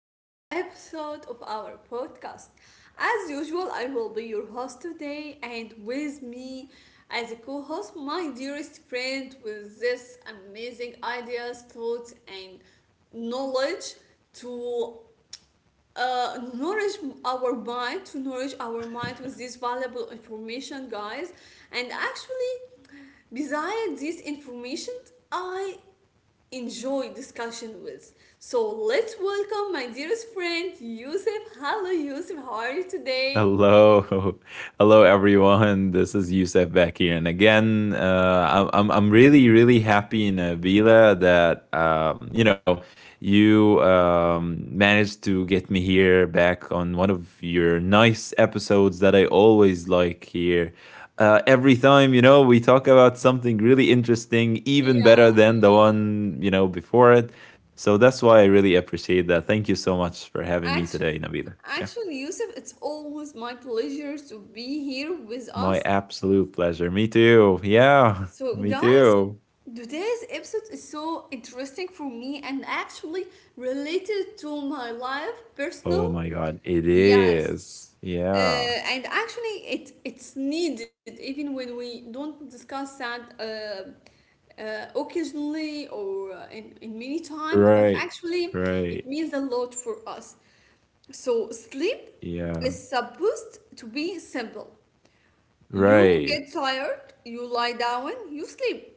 to a new episode of our podcast. As usual, I will be your host today, and with me as a co host, my dearest friend with this amazing ideas, thoughts, and knowledge to nourish our mind, to nourish our mind with this valuable information, guys. And actually, besides this information, I enjoy discussion with. So let's welcome my dearest friend Yusuf. Hello Yusuf, how are you today? Hello, hello everyone. This is Youssef back here, and again, I'm really really happy in Avila that you know you managed to get me here back on one of your nice episodes that I always like here. Every time we talk about something really interesting, even better Yeah, than the one before it. So that's why I really appreciate that. Thank you so much for having me actually, today, Nabila. Yeah. actually, Yusuf, it's always my pleasure to be here with My us. absolute pleasure. Me too. Yeah, So me guys, too. today's episode is so interesting for me and actually related to my life, personal. Oh my God, it Yes. is. Yeah. Uh, and actually, it's needed even when we don't discuss that occasionally or in many times, but Right. actually, it Right. means a lot for us. So, sleep Yeah. is supposed to be simple. You Right. get tired, you lie down, you sleep.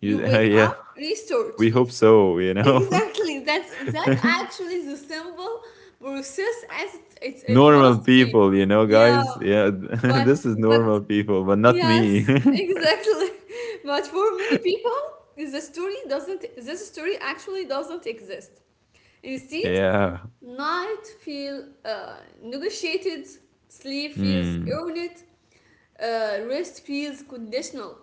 You You, wake up, yeah. restart. We hope so, you know? Exactly. That actually is a simple process as it Normal must be. people, you know, Yeah. guys? Yeah. But This is but normal people, but not me. yes, exactly. But for many people, the story doesn't this story actually doesn't exist. Instead, Yeah. night feel negotiated, sleep feels Mm. earned, rest feels conditional.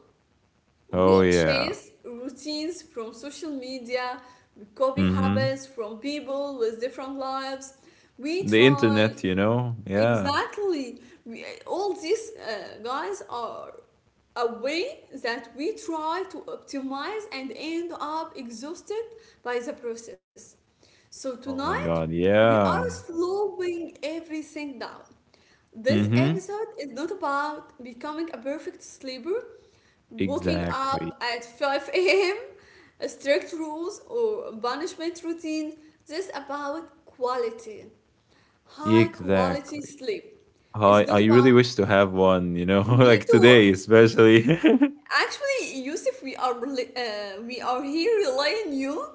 Oh, We yeah. chase routines from social media, we copy Mm-hmm. habits from people with different lives. We The try. internet, you know? Yeah. Exactly. We, all these guys are a way that we try to optimize and end up exhausted by the process. So Oh my tonight, God. we Yeah. are slowing everything down. This Mm-hmm. episode is not about becoming a perfect sleeper. Waking Exactly. up at 5 a.m., strict rules or punishment routines. This about quality. High quality Exactly. sleep. It's I not I really about wish to have one, like me to. today especially. Actually, Yusuf, we are we are here relying you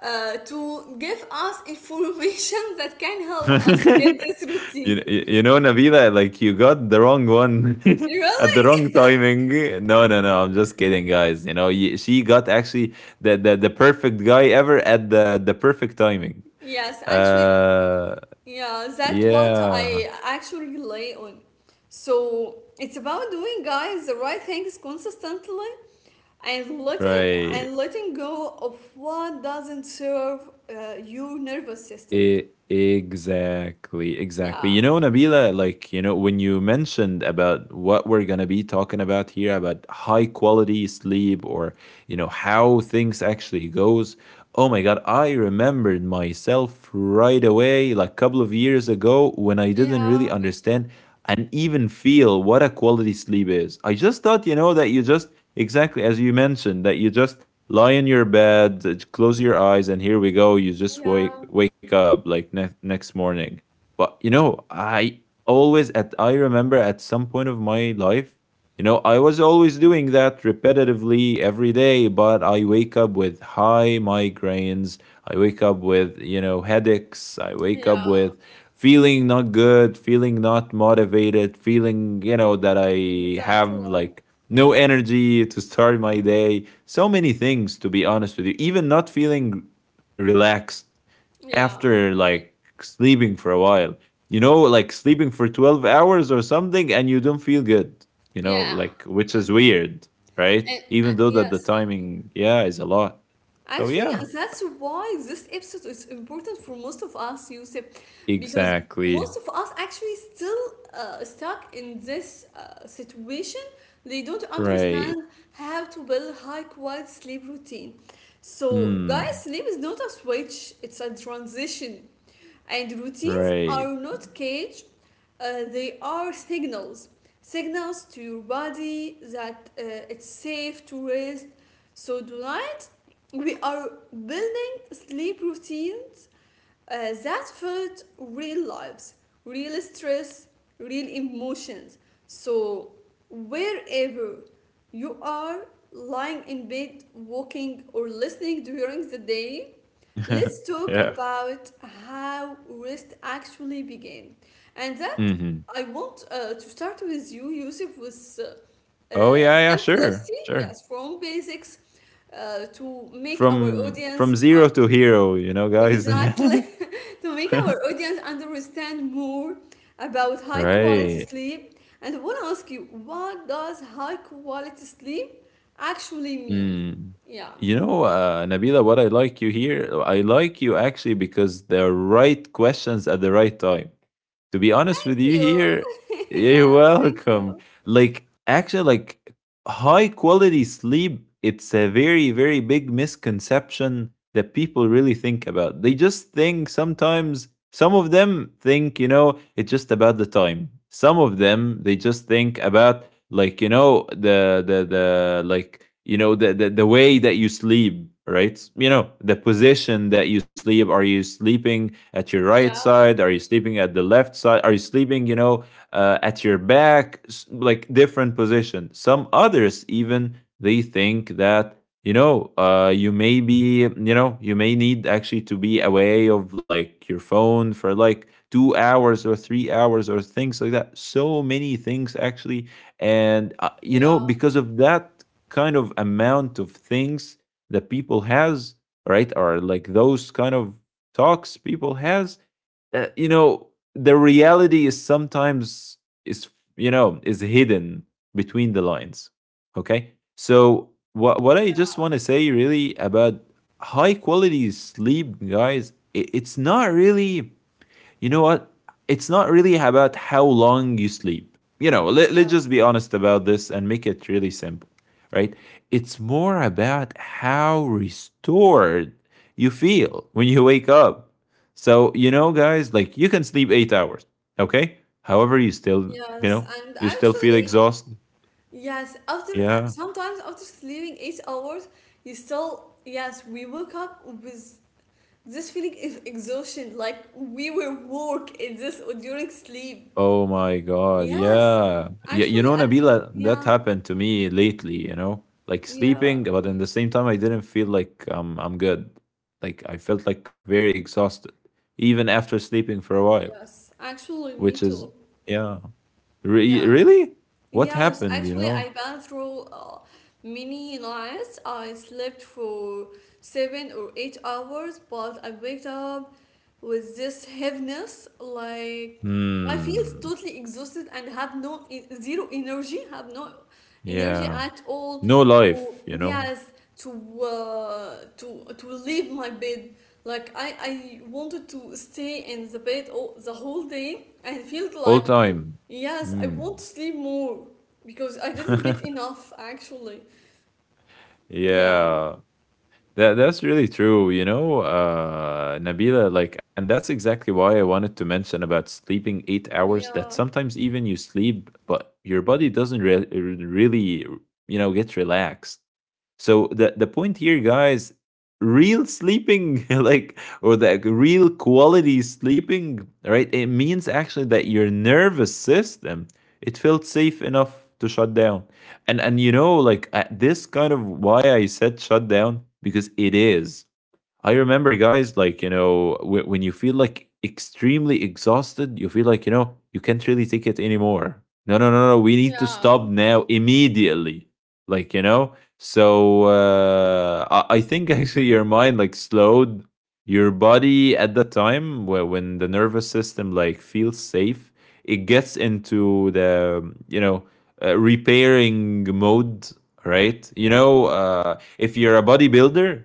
to give us information that can help us to get this you routine. you know, Nabila, like you got the wrong one at the Really? wrong timing. No, no, no. I'm just kidding, guys. She got actually the perfect guy ever at the perfect timing. Yes, actually. Uh, Yeah, that's what yeah, I actually rely on. So it's about doing guys the right things consistently and letting right. and letting go of what doesn't serve your nervous system. E exactly, exactly. Yeah. Nabila, like, when you mentioned about what we're going to be talking about here about high quality sleep or, how things actually goes, oh my god, I remembered myself right away like a couple of years ago when I didn't really Yeah. understand and even feel what a quality sleep is. I just thought, that you just exactly as you mentioned that you just lie in your bed, close your eyes, and here we go. You just Yeah. wake up like next morning. But I remember at some point of my life, I was always doing that repetitively every day. But I wake up with high migraines. I wake up with headaches. I wake up Yeah. with feeling not good, feeling not motivated, feeling that I have Exactly. like no energy to start my day. So many things, to be honest with you. Even not feeling relaxed Yeah. after like sleeping for a while. Like sleeping for 12 hours or something and you don't feel good, Yeah. like, which is weird, right? And Even though that the yes. timing, yeah, is a lot. So, Actually, yeah, and that's why this episode is important for most of us, Yusuf, because exactly. most of us actually still stuck in this situation. They don't Right. understand how to build high quality sleep routine. So, guys, Hmm. sleep is not a switch; it's a transition, and routines Right. are not cage. They are signals, signals to your body that it's safe to rest. So do not we are building sleep routines that fit real lives, real stress, real emotions. So, wherever you are lying in bed, walking, or listening during the day, let's talk Yeah. about how rest actually begins. And that Mm-hmm. I want to start with you, Yusuf, with uh, Oh, yeah, yeah, sure. simplicity, Sure. yes, from basics to make our From audience zero to hero, guys. exactly to make our audience understand more about high quality Right. sleep. And I want to ask you, what does high quality sleep actually mean? Mm. Yeah. Nabila, what I like you here, I like you actually because the right questions at the right time. To be honest Thank with you you. here, Yeah, you're thank welcome. you. Like, actually, like, high quality sleep, it's a very, very big misconception that people really think about. They just think sometimes, some of them think, it's just about the time. Some of them, they just think about, like, the like, the way that you sleep, right? The position that you sleep, are you sleeping at your right Yeah, side, are you sleeping at the left side, are you sleeping, at your back? Like, different position. Some others even they think that you may need actually to be away of like your phone for like 2 hours or 3 hours or things like that, so many things actually. And yeah, because of that kind of amount of things that people has, right? Or like those kind of talks people has. uh, you know the reality is sometimes is you know is hidden between the lines. Okay, so what I just want to say really about high quality sleep, guys, I- it's not really you know what? It's not really about how long you sleep. Let's just yes. be honest about this and make it really simple, right? It's more about how restored you feel when you wake up. So, guys, like, you can sleep 8 hours, okay? However, you Yes, know, and you still feel actually, exhausted. yes, after Yeah. sometimes after sleeping 8 hours, you still, yes, we woke up with this feeling of exhaustion, like we were work in this during sleep. Oh my God. Yes, Yeah. Yeah. Actually, I. Nabila, that Yeah, happened to me lately, like yeah, sleeping, but in the same time, I didn't feel like I'm good. Like I felt like very exhausted, even after sleeping for a while, yes, actually, which me is, too. yeah. Re- Yeah. really? What Yes, happened, you actually, know? I went through many nights. I slept for 7 or 8 hours, but I waked up with this heaviness. Like I feel Hmm. totally exhausted and have no zero energy. Have no energy Yeah. at all No to. life, Yes, to leave my bed. Like I wanted to stay in the bed all, the whole day. And felt all like. time. Yes, I Hmm. want to sleep more because I didn't get enough actually. Yeah, Yeah. That's really true, Nabila. Like, and that's exactly why I wanted to mention about sleeping 8 hours. That yeah, sometimes even you sleep, but your body doesn't really, get relaxed. So the point here, guys, real sleeping, like, or the real quality sleeping, right? It means actually that your nervous system it felt safe enough to shut down, and like at this kind of why I said shut down, because it is. I remember, guys, like, when you feel like extremely exhausted, you feel like, you can't really take it anymore. No, no, no, no. We need to yeah, stop now immediately. Like, so, I think actually your mind like slowed your body at that time where when the nervous system like feels safe, it gets into the, repairing mode, right? If you're a bodybuilder,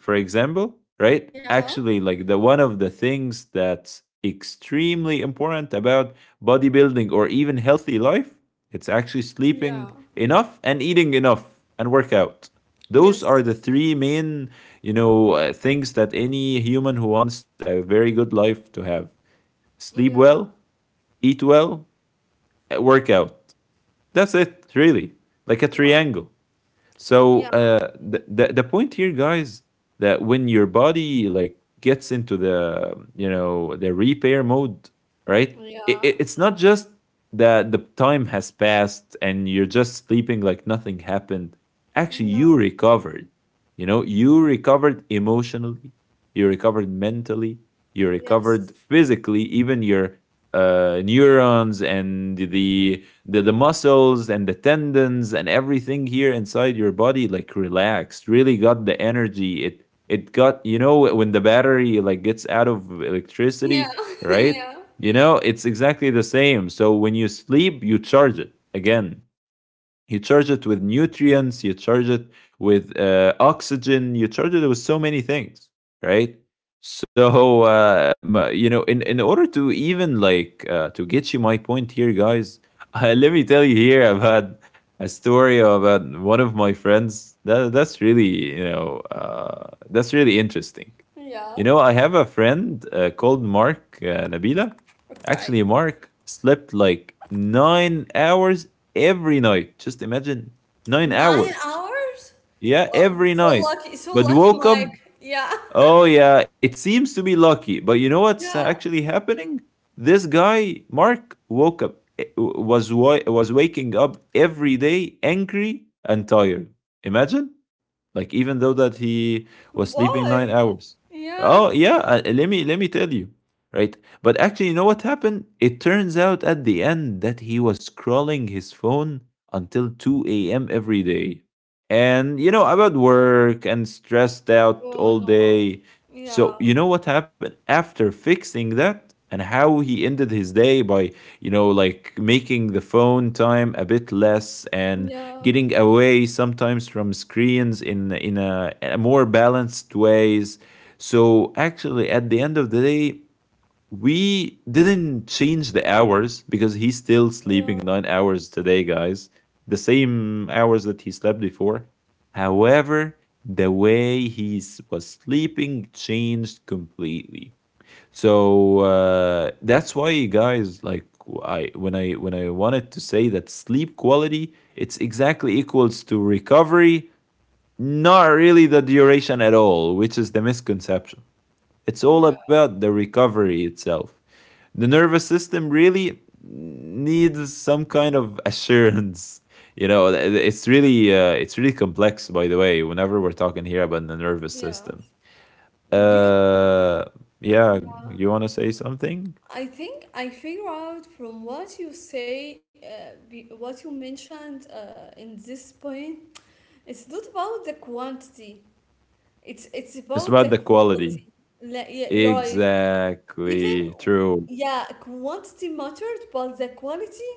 for example, right? yeah, Actually, like, the one of the things that's extremely important about bodybuilding or even healthy life, it's actually yeah, sleeping enough and eating enough and workout. Those are yes, the three main, things that any human who wants a very good life to have: sleep yeah, well, eat well, work out. That's it, really. Like a wow, triangle. yeah, So the point here, guys, that when your body like gets into the you know the repair mode, right? yeah, It's not just that the time has passed and you're just sleeping like nothing happened. Actually, yeah, you recovered. You recovered emotionally, you recovered mentally, you yes, recovered physically. Even your neurons and the muscles and the tendons and everything here inside your body like relaxed, really got the energy, it got. When the battery like gets out of yeah, electricity, right? yeah, It's exactly the same. So when you sleep, you charge it again, you charge it with nutrients, you charge it with oxygen, you charge it with so many things, right? So, in order to even, like, to get you my point here, guys, let me tell you here, I've had a story about one of my friends. That's really, you know, that's really interesting. yeah. I have a friend called Mark, Nabila. Okay, Actually, Mark slept like 9 hours every night. Just imagine nine nine hours. hours? Yeah, Wow, every night. So But lucky, woke Mike. up. Yeah, Oh, yeah, it seems to be lucky. But you know what's yeah, actually happening? This guy, Mark, woke up, was waking up every day angry and tired. Imagine. Like, even though that he was sleeping nine why? hours. Yeah, Oh yeah, let me tell you, right? But actually, you know what happened? It turns out at the end that he was scrolling his phone until 2 a.m. every day, and about work and stressed out oh all day. no, yeah, So you know what happened after fixing that, and how he ended his day by like making the phone time a bit less and yeah, getting away sometimes from screens in a more balanced ways. So actually, at the end of the day, we didn't change the hours because he's still yeah, sleeping 9 hours today, guys. The same hours that he slept before. However, the way he was sleeping changed completely. So that's why, guys, like, I when I when I wanted to say that sleep quality, it's exactly equals to recovery, not really the duration at all, which is the misconception. It's all yeah. about the recovery itself. The nervous system really needs some kind of assurance. You know, it's really complex. By the way, whenever we're talking here about the nervous Yeah. system, Do you, uh, yeah, yeah. you want to say something? I think I figure out from what you say, what you mentioned in this point, it's not about the quantity. It's It's about about the the quality. quality. Like, yeah, right. Exactly. Even True. yeah, quantity mattered, but the quality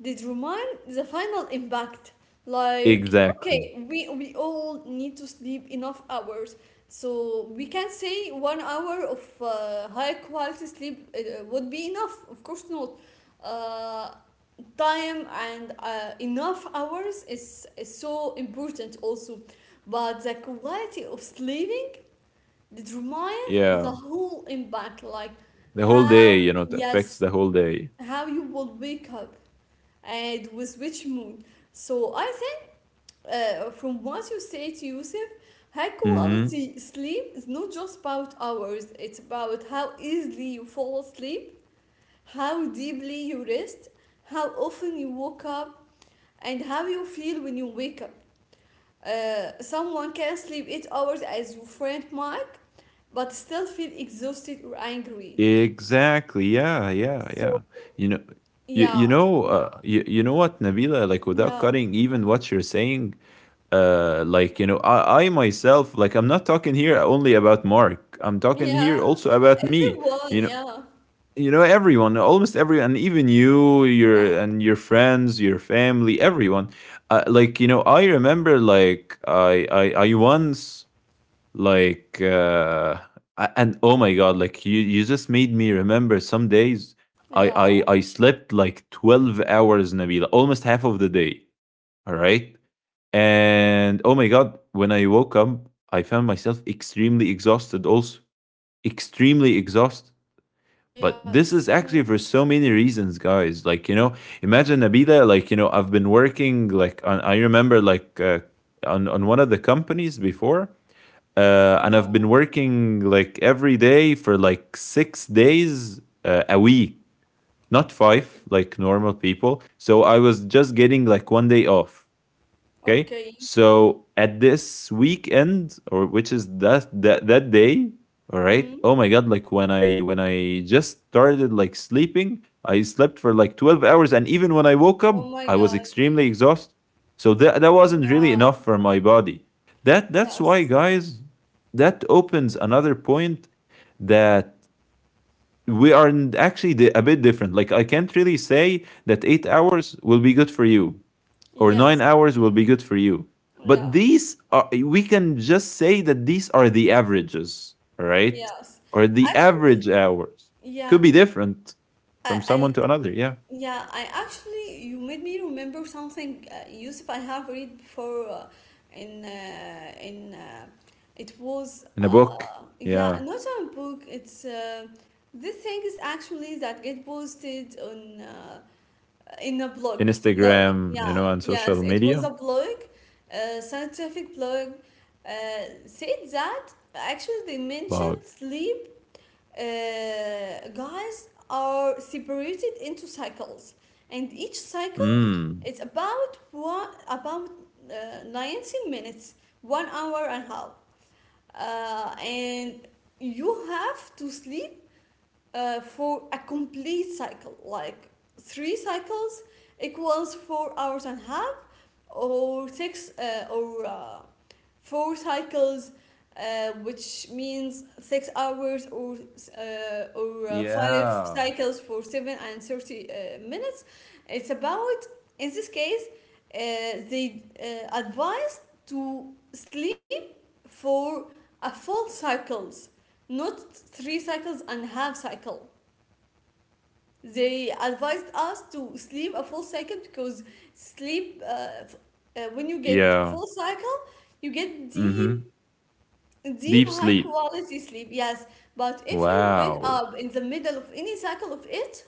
they remind the final impact. Like, Exactly. okay, we all need to sleep enough hours. So we can say 1 hour of high quality sleep would be enough. Of course not. Uh, Time and enough hours is so important also. But the quality of sleeping determine the Yeah. whole impact. Like The whole how, day, it affects yes, the whole day. how you will wake up and with which moon. So I think from what you say to Yusuf, high Mm-hmm. quality sleep is not just about hours, it's about how easily you fall asleep, how deeply you rest, how often you woke up, and how you feel when you wake up. Someone can sleep 8 hours as your friend Mike, but still feel exhausted or angry. Exactly. Yeah. Yeah. Yeah. So, You know, you, yeah, you know, uh, you, you know what, Nabila, like, without yeah, cutting even what you're saying, like, I myself, like, I'm not talking here only about Mark. I'm talking here yeah, also about me. everyone, You know, yeah, everyone, almost everyone, and even you, your yeah, and your friends, your family, everyone. I remember like I once like uh and oh my God, like you just made me remember some days. I yeah. I I slept like 12 hours, Nabila, almost half of the day, all right? And oh my God, when I woke up, I found myself extremely exhausted also, extremely exhausted. But this Yes. is actually Mm. for so many reasons, guys. Imagine, Nabila, I've been working, like, on, I remember, like, on one of the companies before, Yeah. and I've been working, like, every day for, like, 6 days a week, not five, like normal people. So I was just getting, like, one day off. Okay. Okay. So at this weekend, or which is that day, all Mm. right. Oh my God! Like when I just started like sleeping, I slept for like 12 hours, and even when I woke Oh up, my I was God. extremely exhausted. So that wasn't Yeah. really enough for my body. That's why, Yes. guys. That opens another point that we are a bit different. Like I can't really say that 8 hours will be good for you or nine Yes. hours will be good for you. But Yeah. these are, we can just say that these are the averages, all right? Yes. Or the Actually, average hours. Could yeah. be different I, from I, someone to another. Yeah. yeah. I actually, you made me remember something, Yusuf. I have read before, in, uh, in, uh, it was, In a book. yeah, Yeah. not a book. It's, the thing is actually that get posted on. In a In blog. Instagram, you Yeah, know, and yes, social it was media. a blog, a scientific blog, uh, said that actually they mentioned Blog. sleep guys are separated into cycles, and each cycle Mm. it's about one about 90 minutes, 1 hour and a half, and you have to sleep for a complete cycle, like three cycles equals 4 hours and a half, or six or four cycles, which means 6 hours or five Yeah. cycles for 7 and 30 minutes. It's about in this case, uh, they advise to sleep for a full cycles, not three cycles and half cycle. They advised us to sleep a full cycle because sleep, when you get Yeah. full cycle, you get Mm-hmm. deep, deep, Deep high sleep. quality sleep. Yes, but if you wake Wow. up in the middle of any cycle of it,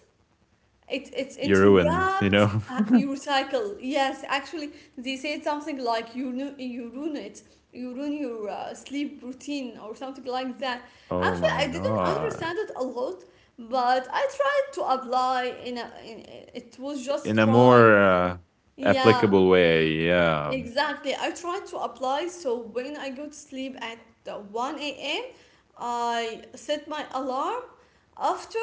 it You're ruined, you know? interrupt your cycle. Yes, actually, they said something like you you ruin it, you ruin your sleep routine or something like that. Oh Actually, my I didn't God. understand it a lot, but I tried to apply. In, a, in it was just In a a try. more Yeah, applicable way. Yeah. exactly. I tried to apply. So when I go to sleep at 1 a.m., I set my alarm after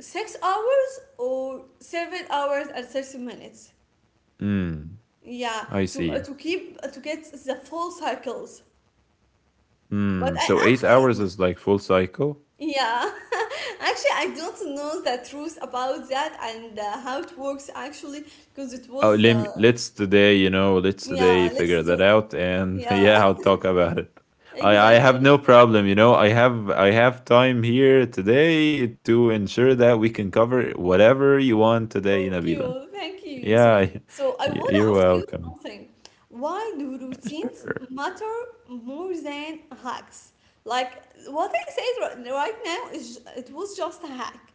6 hours or 7 hours and 30 minutes, Mm, yeah, I see. to keep to get the full cycles. But Mm, so I 8 hours actually. is like full cycle. Yeah. Actually, I don't know the truth about that and how it works actually because it Oh, was, lem let's today, you know, let's today yeah, figure let's that do. out, and Yeah. yeah, I'll talk about it. I have Exactly. no problem, you know. I have time here today to ensure that we can cover whatever you want today, Nabila. Thank you, Yusuf. Yeah, So I want to you're ask you welcome. something. Why do routines Sure. matter more than hacks? Like what I said right now is it was just a hack.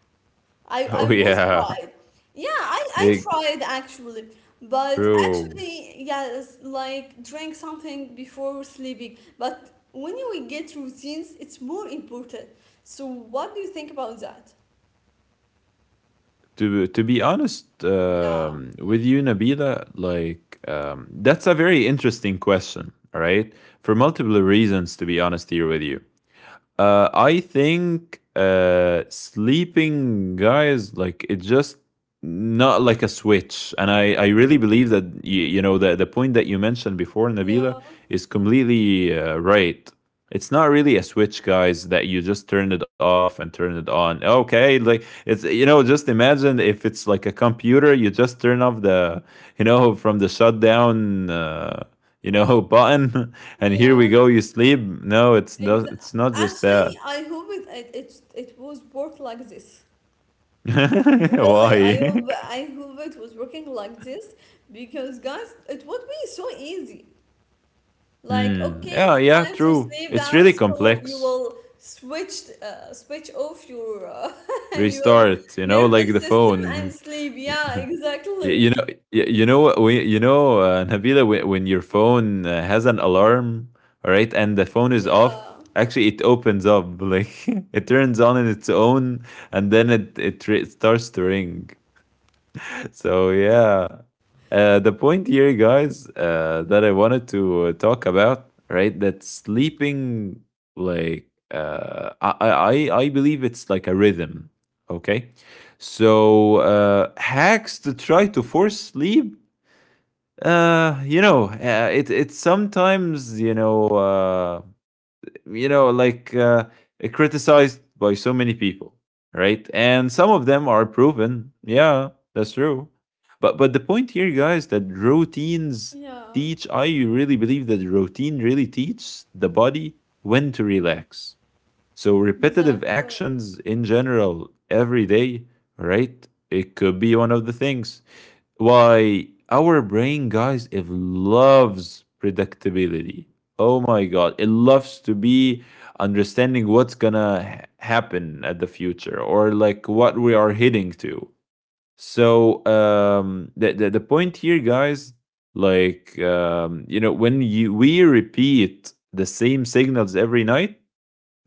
I Oh was yeah, tried. Yeah, I, I it, tried actually. But true. actually, yes, like drink something before sleeping. But when we get routines, it's more important. So what do you think about that? To be honest Yeah, with you, Nabila, that's a very interesting question, all right? For multiple reasons, to be honest here with you. I think sleeping, guys, like it's just not like a switch. And I really believe that, you know, the point that you mentioned before, yeah, Nabila, is completely right. It's not really a switch, guys, that you just turn it off and turn it on. Okay, like it's, you know, just imagine if it's like a computer, you just turn off the, you know, from the shutdown. You know, button and here we yeah. go, you sleep. No, it's Exa. not, it's not just Actually, that. I hope it, it was worked like this. Really, I hope Why? I hope it was working like this because guys, it would be so easy. Like, Hmm. okay, Yeah, it's yeah, time to true, sleep it's down, really so you complex. will switch off your your Restart, you know, like nervous the system and phone. sleep. Yeah, exactly. You know, you know what we you know Nabila, when your phone has an alarm, all right, and the phone is off, Yeah. actually it opens up like it turns on in its own, and then it starts to ring. So yeah, the point here, guys, that I wanted to talk about, right? That sleeping, like, uh, I believe it's like a rhythm. Okay, so hacks to try to force sleep. It's sometimes you know, like uh, criticized by so many people, right? And some of them are proven. Yeah, that's true. But the point here, guys, that routines Yeah, teach. I really believe that routine really teaches the body when to relax, so repetitive exactly. actions in general every day, right? It could be one of the things why our brain, guys, it loves predictability. Oh my God, it loves to be understanding what's gonna happen at the future or like what we are heading to. So the point here, guys, you know, when you we repeat the same signals every night,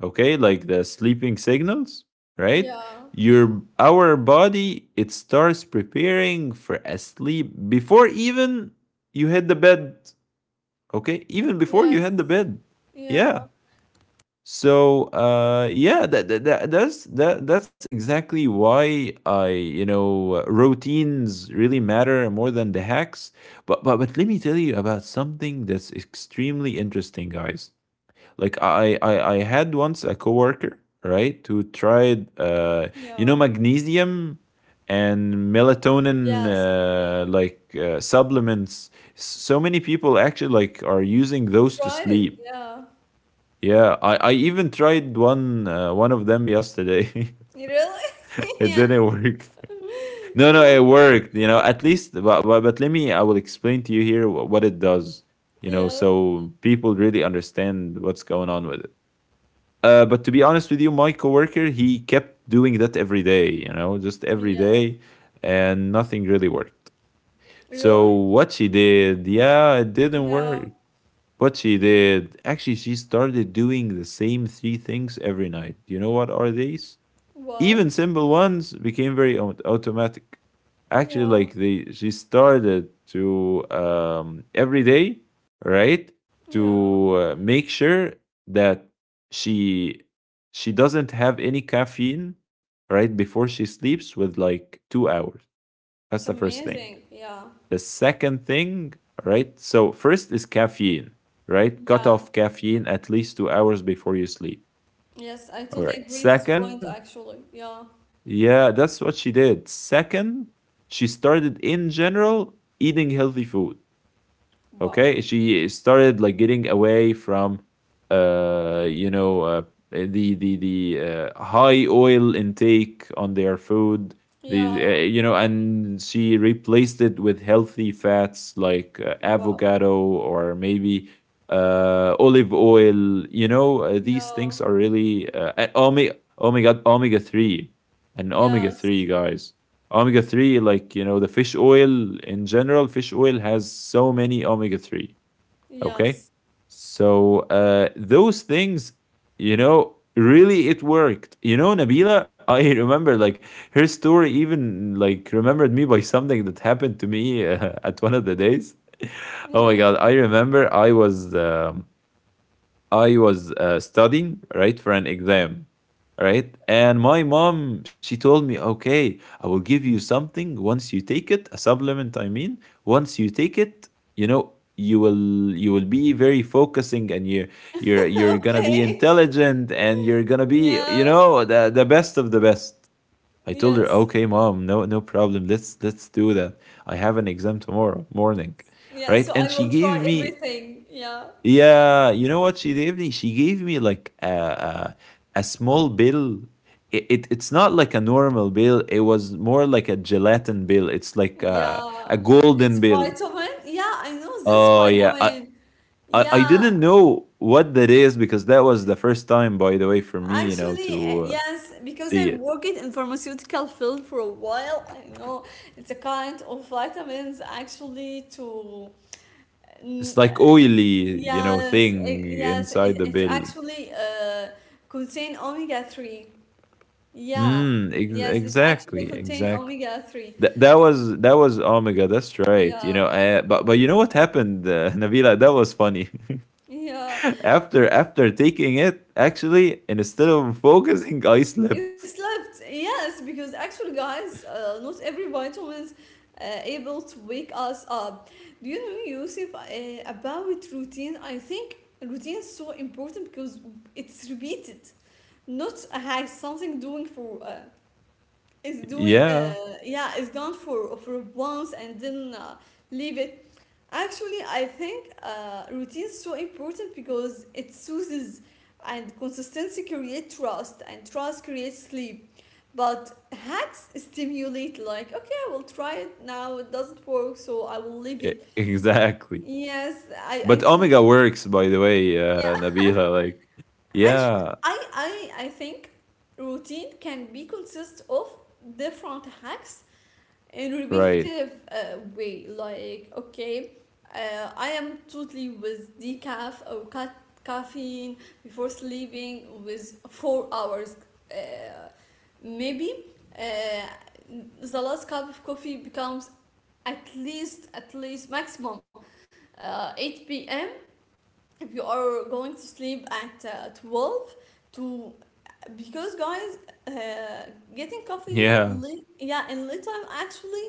okay, like the sleeping signals, right, Yeah. your our body, it starts preparing for a sleep before even you hit the bed. Okay, even before you Yes. hit the bed. Yeah. Yeah. So that's exactly why, I, you know, routines really matter more than the hacks. But let me tell you about something that's extremely interesting, guys. Like I had once a coworker, right, who tried Yeah. magnesium and melatonin Yes. Supplements. So many people actually like are using those to Try it. sleep. Yeah. Yeah, I even tried one of them yesterday. You really? It Yeah. didn't work. No, no, Yeah. it worked. You know, at least. But let me. I will explain to you here what it does. You Yeah. know, so people really understand what's going on with it. But to be honest with you, my coworker, he kept doing that every day. You know, just every Yeah. day, and nothing really worked. Really? So what she did, yeah, it didn't Yeah. work. What she did, actually, she started doing the same three things every night. You know what are these? What? Even simple ones became very automatic, actually. Yeah. Like they she started to every day, right, to Yeah. Make sure that she she doesn't have any caffeine right before she sleeps with like 2 hours. That's It's the first thing. amazing. Yeah. The second thing, right, so first is caffeine, right, cut Yeah. off caffeine at least 2 hours before you sleep, Yes, I all totally right? agree this Second, point actually. Yeah. yeah, that's what she did. Second, she started in general eating healthy food. Wow. Okay, she started like getting away from uh you know uh, the high oil intake on their food, the Yeah. You know and she replaced it with healthy fats like Wow. avocado or maybe olive oil, you know. Yeah. These things are really omega 3, and omega 3, Yes. guys, omega 3, like, you know, the fish oil in general, fish oil has so many omega 3. Okay. Yes. So those things, you know, really it worked. You know, Nabila, I remember like her story even like remembered me by something that happened to me at one of the days. Oh my Yeah. God. I remember I was. I was studying, right, for an exam, right? And my mom, she told me, okay, I will give you something once you take it, a supplement, I mean. Once you take it, you know, you will be very focusing, and you're gonna be Okay. intelligent and you're gonna be, Yeah. you know, the best of the best. I told Yes. her, okay, mom, no, no problem, let's do that. I have an exam tomorrow morning, Yeah. So right? I And will she try gave me, everything. Yeah. yeah, you know what she gave me? She gave me like a small bill. It's not like a normal bill. It was more like a gelatin bill. It's like a Yeah, it's golden bill. vitamin. Yeah, I know this Oh yeah, I, vitamin. I I Yeah, didn't know what that is because that was the first time, by the way, for me, you know, actually, to yes, because see I it. worked in pharmaceutical field for a while. I know it's a kind of vitamins actually to. It's mm, uh, like oily, you know, yes, thing it, yes, inside it, the it's bill. actually contain omega 3. Yeah. Mm, Yes, it exactly, actually contain exactly. omega 3. That that was Omega. That's right. You Yeah. know, but you know what happened, Nabila? That was funny. Yeah. After taking it, actually, and instead of focusing, I You slept. slept, yes, because actually, guys, not every vitamins able to wake us up. Do you know, Yusuf, about routine? I think routine is so important because it's repeated, not like something doing for is doing Yeah, yeah, it's done for once and then leave it. Actually, I think routine is so important because it soothes, and consistency creates trust, and trust creates sleep. But hacks stimulate, like, okay, I will try it now. It doesn't work, so I will leave it. exactly. Yes, I But totally. Omega works, by the way, Yeah. Nabila. Like, Actually, yeah, I think routine can be consist of different hacks in right. repetitive way like okay, I am totally with decaf or caffeine before sleeping with 4 hours, uh, maybe uh, the last cup of coffee becomes at least maximum 8 p.m if you are going to sleep at 12 to, because guys, uh, getting caffeine Yeah, late, yeah, in late time actually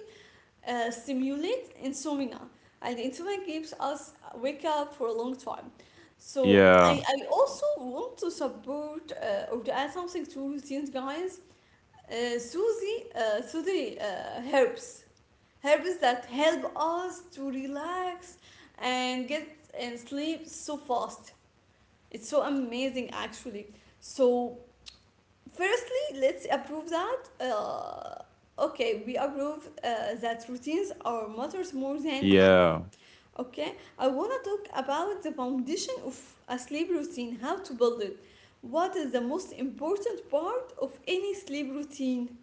stimulate insomnia, and insomnia keeps us wake up for a long time. So yeah, I also want to support or to add something to routines guys, Susie, Susie herbs, herbs that help us to relax and get and sleep so fast. It's so amazing, actually. So firstly, let's approve that. Okay, we approve that routines are matters more than hacks. yeah. Okay, I wanna talk about the foundation of a sleep routine, how to build it. What is the most important part of any sleep routine,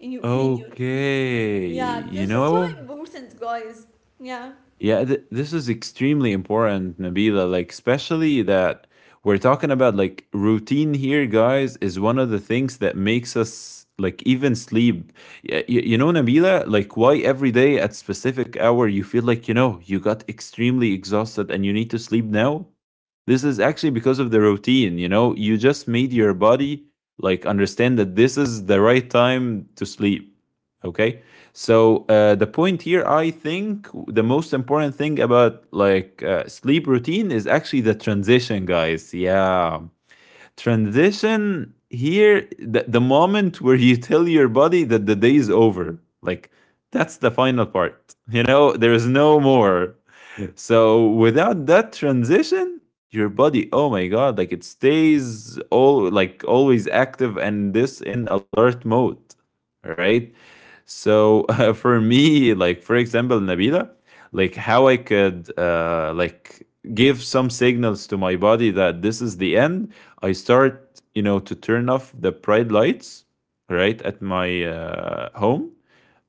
in your opinion? Okay. Yeah, You because it's so know, important, guys. Yeah, yeah, this is extremely important, Nabila. Like, especially that we're talking about like routine here, guys, is one of the things that makes us like even sleep. You know, Nabila, like why every day at specific hour you feel like, you know, you got extremely exhausted and you need to sleep now? This is actually because of the routine, you know, you just made your body like understand that this is the right time to sleep. Okay. So the point here, I think, the most important thing about like sleep routine is actually the transition, guys. Yeah, transition here, the moment where you tell your body that the day is over, like that's the final part. You know, there is no more. So without that transition, your body, oh my God, like it stays all like always active and this in alert mode, right? So for me, like for example, Nabila, like how I could give some signals to my body that this is the end. I start, you know, to turn off the bright lights right at my home,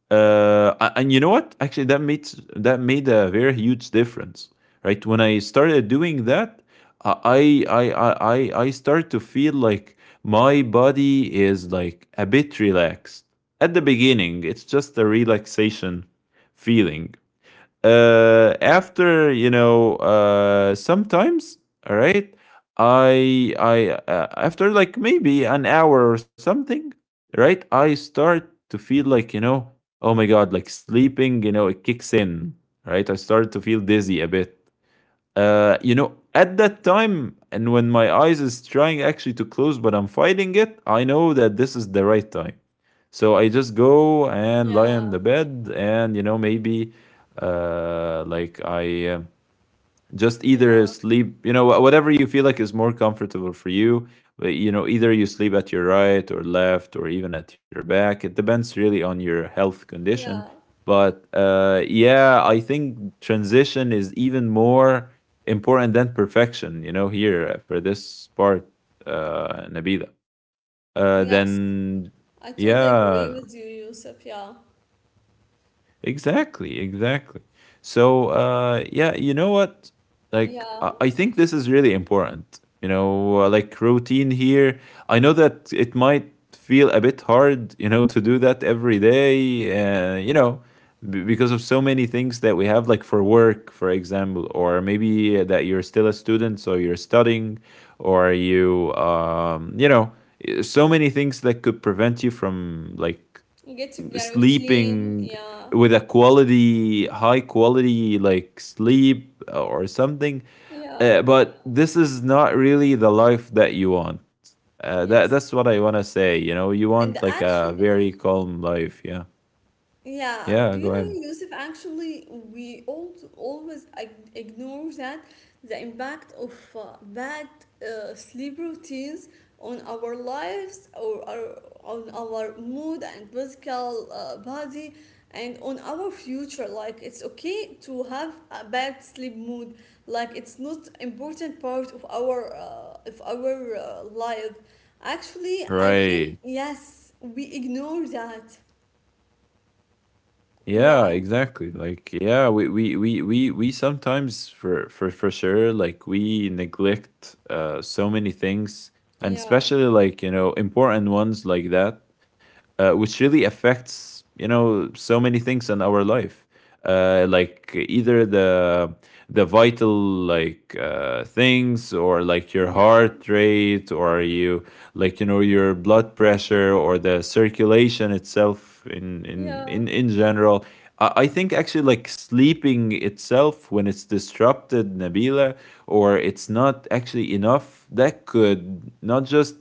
and you know what? Actually, that made a very huge difference, right? When I started doing that, I start to feel like my body is like a bit relaxed at the beginning. It's just a relaxation feeling, after sometimes. All right, I after like maybe an hour or something, right? I start to feel like, you know, oh my god, like sleeping, you know, it kicks in, right? I start to feel dizzy a bit, you know, at that time, and when my eyes is trying actually to close, but I'm fighting it, I know that this is the right time. So I just go and lie on yeah, the bed, and you know, maybe like I. Just either yeah, sleep, you know, whatever you feel like is more comfortable for you. But you know, either you sleep at your right or left or even at your back, it depends really on your health condition. yeah. But yeah, I think transition is even more important than perfection, you know, here, for this part, Nabila. Yes, Then I totally agree Yeah. with you, Yusuf. Yeah, Exactly, exactly. So, yeah, you know what? Like, I yeah. I think this is really important. You know, like routine here. I know that it might feel a bit hard, you know, to do that every day, you know, because of so many things that we have, like for work, for example, or maybe that you're still a student, so you're studying, or you, you know, so many things that could prevent you from like Get to get sleeping routine. Yeah, with a quality, high quality like sleep or something. Yeah, But this is not really the life that you want. Uh, that yes. that's what I want to say. You know, you And the want like ash, a very calm life. Yeah, yeah, yeah. do you Go ahead. know, Yusuf, actually, we all always ignore that the impact of bad sleep routines on our lives or on our mood and physical body and on our future. Like, it's okay to have a bad sleep mood. Like, it's not important part of our life. Actually, I think Right. yes, we ignore that. Yeah, Right? exactly. Like, yeah, we sometimes for sure, like we neglect so many things, and Yeah, especially like, you know, important ones like that, which really affects, you know, so many things in our life. Like either the vital things or like your yeah, heart rate or you like, you know, your blood pressure, or the circulation itself yeah, in general. I think actually like sleeping itself, when it's disrupted, Nabila, or it's not actually enough, that could not just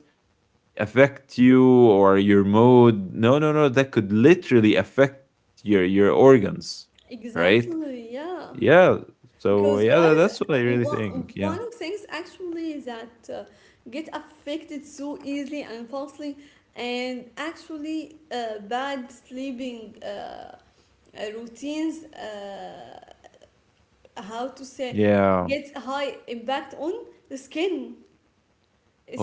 affect you or your mood. No, no, no, that could literally affect your organs, right? exactly. Yeah, Yeah. So because yeah, guys, that's what I really think. Yeah. one of things actually that get affected so easily and falsely, and actually bad sleeping routines, how to say, Yeah. gets high impact on the skin.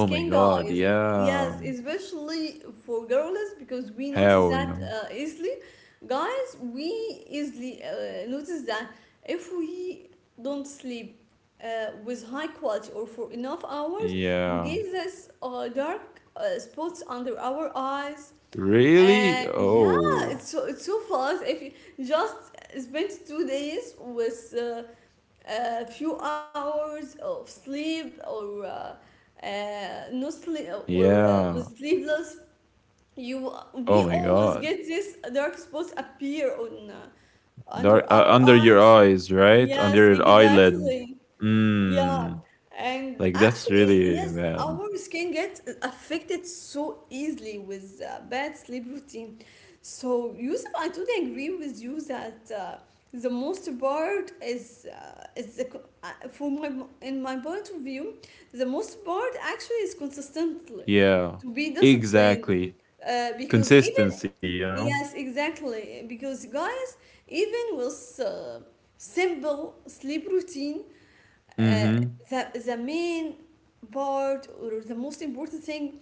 Oh my God. guys, yes, Yeah. especially for girls because we notice How, you that know? Easily. Guys, we easily notice that if we don't sleep with high quality or for enough hours, we get Yeah. this dark spots under our eyes. Really? And yeah, Oh. It's so fast if you just spend 2 days with a few hours of sleep or no sleep or was Yeah. sleepless. You, we Oh my always god. get this dark spots appear on under Dark, our under your eyes. eyes, right? Yes, Under your eyelid. exactly. Yeah, Mm. and Like that's actually, really yes, bad. our skin gets affected so easily with bad sleep routine. So, Yusuf, I totally agree with you that the most part is the, for my in my point of view, the most part actually is consistently Yeah. to be disciplined, Exactly. Because even, Consistency, you know? yes, exactly. Because guys, even with simple sleep routine, uh, Mhm. the main part or the most important thing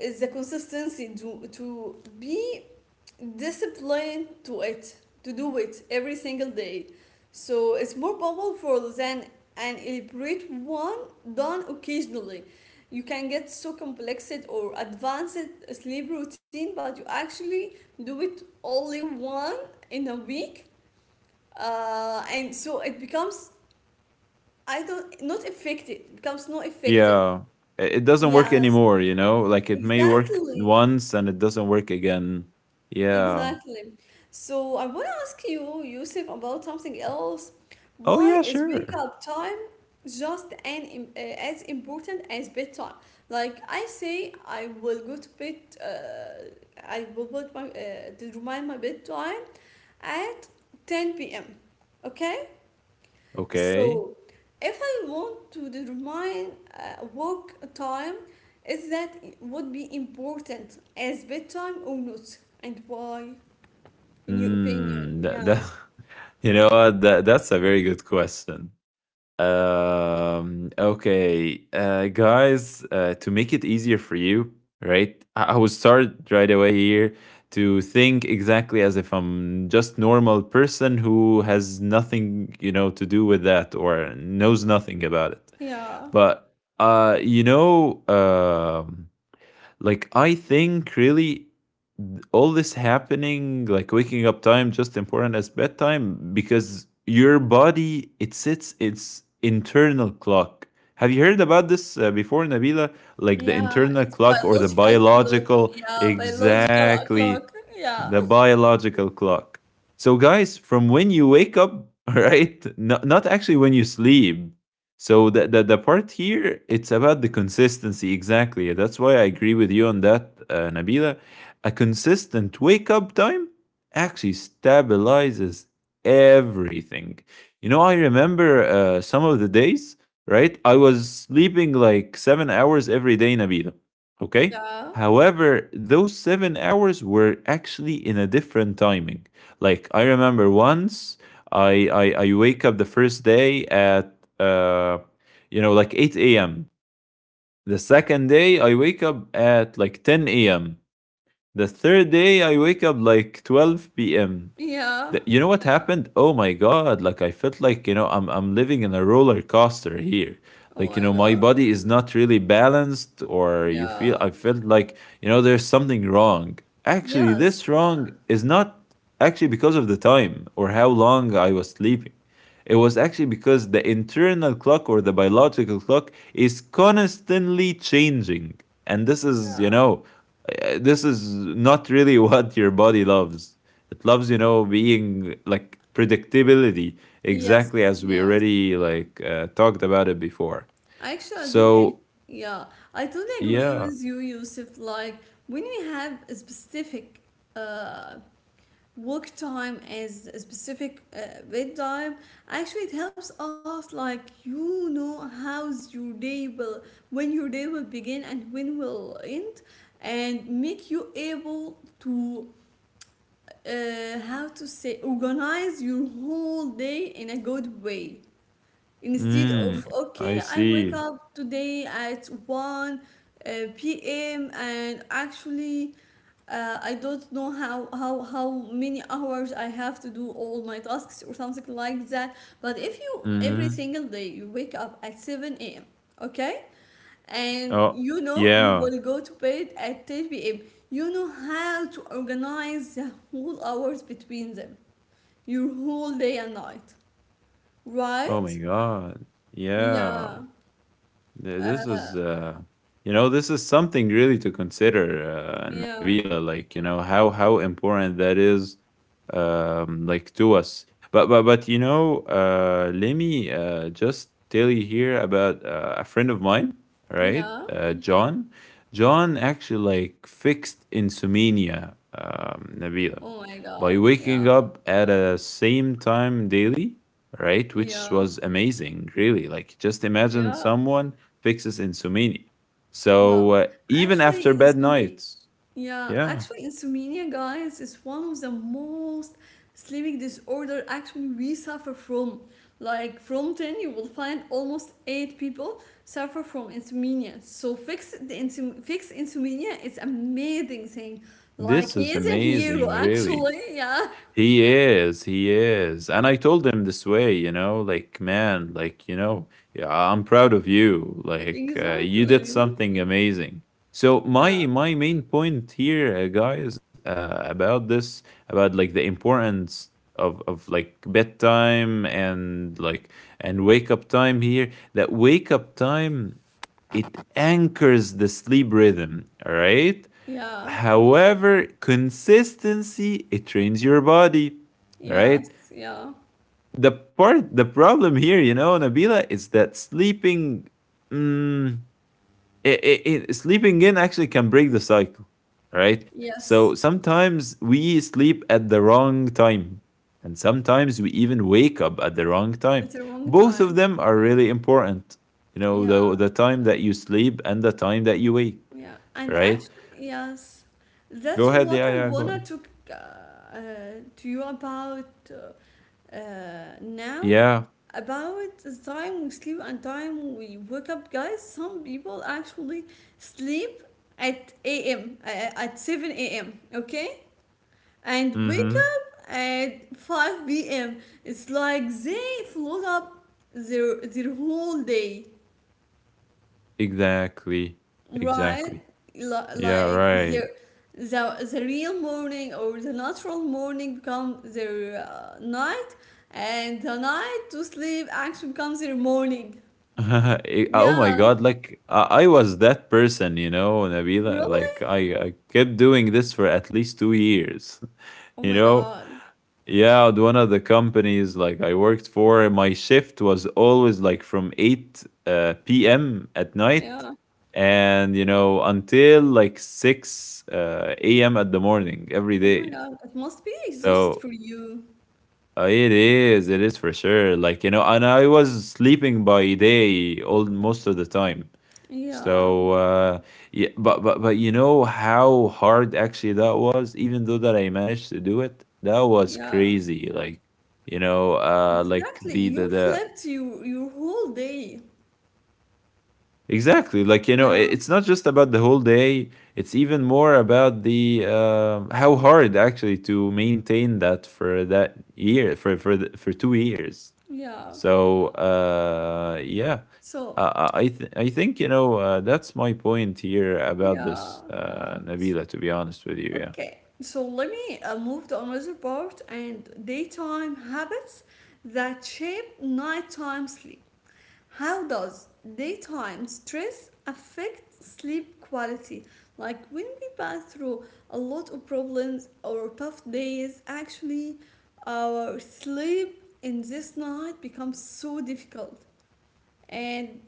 is the consistency to be disciplined to it, to do it every single day. So it's more powerful than an elaborate one done occasionally. You can get so complex or advanced sleep routine, but you actually do it only one in a week, and so it becomes, I don't not effective becomes not effective. Yeah. I- It doesn't work Yes, anymore, you know? Like it may work exactly, once and it doesn't work again. Yeah. exactly. So I want to ask you, Yusuf, about something else. Oh Why yeah, is wake sure. up time just an as important as bedtime? Like I say, I will go to bed. Uh, I will put my to remind my bedtime at ten p.m. Okay, Okay. so, if I want to determine work time, is that would be important as bedtime or not, and why, in your opinion? Mm. That that Yeah, You know what? That, that's a very good question. Okay, guys, to make it easier for you, right? I will start right away here to think exactly as if I'm just normal person who has nothing, you know, to do with that or knows nothing about it. yeah, But you know, like I think really all this happening, like waking up time, just important as bedtime because your body it sets its internal clock. Have you heard about this before, Nabila? Like the yeah. internal It's clock or the biological clock. biological, Yeah, biological clock. exactly, Yeah, the biological clock. So, guys, from when you wake up, right? No, not actually when you sleep. So the part here, it's about the consistency. Exactly. That's why I agree with you on that, Nabila. A consistent wake up time actually stabilizes everything. You know, I remember some of the days, right? I was sleeping like 7 hours every day, Nabila. Okay. yeah, However, those 7 hours were actually in a different timing. Like, I remember once I wake up the first day at, you know, like 8 a.m. The second day, I wake up at like 10 a.m. The third day I wake up like 12 p.m. yeah. You know what happened? Oh my god, like I felt like, you know, I'm living in a roller coaster here. Oh Like, you my know, my God. body is not really balanced, or you feel, Yeah. I felt like, you know, there's something wrong. Actually, Yes. this wrong is not actually because of the time or how long I was sleeping. It was actually because the internal clock or the biological clock is constantly changing. And this is, you Yeah. know, this is not really what your body loves. It loves, you know, being like predictability, exactly Yes. as we Yes. already like talked about it before. Actually, I do like, So yeah, I totally agree yeah, with you, Yusuf. Like, when we have a specific uh, work time as a specific bedtime, actually, it helps us, like, you know, how's your day will, when your day will begin and when will end, and make you able to, how to say, organize your whole day in a good way. Instead mm, of, I okay, I wake see. up today at 1 p.m. and actually I don't know how many hours I have to do all my tasks or something like that. But if you, every Hmm. single day, you wake up at 7 a.m., okay? And Oh you know you yeah. will go to bed at 10 p.m. You know how to organize the whole hours between them, your whole day and night, Oh right? my God. Yeah. Yeah. This is, you know, this is something really to consider, Yeah, Nabila. Like, you know, how important that is, like to us. But you know, let me just tell you here about a friend of mine, right? yeah. John. John actually like fixed insomnia, Nabila, Oh my God. by Yeah, waking up at a same time daily, right? yeah, Which was amazing, really. Like, just imagine yeah, someone fixes insomnia. Well, So even actually, after bad insomnia. nights, Yeah, yeah, actually, insomnia, guys, is one of the most sleeping disorder actually we suffer from. Like from 10, you will find almost 8 people suffer from insomnia. So fix the insom fix insomnia is amazing thing. Like this he is is a hero, amazing, really. actually. Yeah, He is. And I told him this way, you know, like, man, like, you know, yeah, I'm proud of you. Like, you did exactly. something amazing. So Yeah, my main point here, guys, about this, about like the importance of like bedtime and like and wake up time here, that wake up time it anchors the sleep rhythm, all right? yeah. However, consistency it trains your body, right? Yes, yeah, The problem here, you know, Nabila, is that sleeping, mm, sleeping in actually can break the cycle, right? yes. So sometimes we sleep at the wrong time, and sometimes we even wake up at the wrong And it's time. a wrong Both time. of them are really important, you know, Yeah, the time that you sleep and the time that you wake, yeah. And right? actually, yes, Go that's ahead, what yeah, I yeah, go wanna on. talk to you about now. Yeah. About the time we sleep and time we wake up, guys. Some people actually sleep at a.m. At 7 a.m. Okay, and wake Mhm. up at 5 p.m. It's like they float up their whole day, Exactly. right? Exactly. Yeah, Like right. the real morning or the natural morning become their night, and the night to sleep actually becomes their morning. Eh, oh my Yeah, God, like I was that person, you know, Nabila. really? Like I kept doing this for at least 2 years, Oh my you know? God. Yeah, at one of the companies like I worked for, my shift was always like from 8 p.m. at Yeah. night, and, you know, until like 6 a.m. at the morning Oh every my God. day. It must be exhausted for So you. It is for sure. Like, you know, and I was sleeping by day all most of the time. Yeah. So yeah, but you know how hard actually that was, even though that I managed to do it, that was Yeah. crazy. Like, you know, like Exactly. You the flipped you your whole day. exactly like you know, Yeah. it's not just about the whole day, it's even more about the how hard actually to maintain that for that year for 2 years. Yeah. So yeah, So, I I think you know that's my point here about yeah. this, Nabila. To be honest with you, yeah, Okay, so let me move to another part and daytime habits that shape nighttime sleep. How does daytime stress affect sleep quality? Like when we pass through a lot of problems or tough days, actually, our sleep in this night becomes so difficult and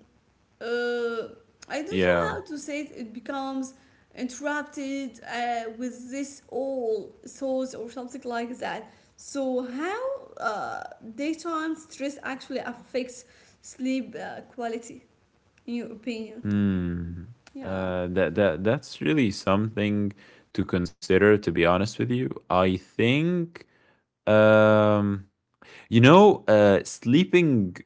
uh, I don't know how yeah. to say it. It becomes interrupted with this all thoughts or something like that. So how daytime stress actually affects sleep quality, in your opinion? Hmm. Yeah, that that's really something to consider. To be honest with you, I think um, you know sleeping.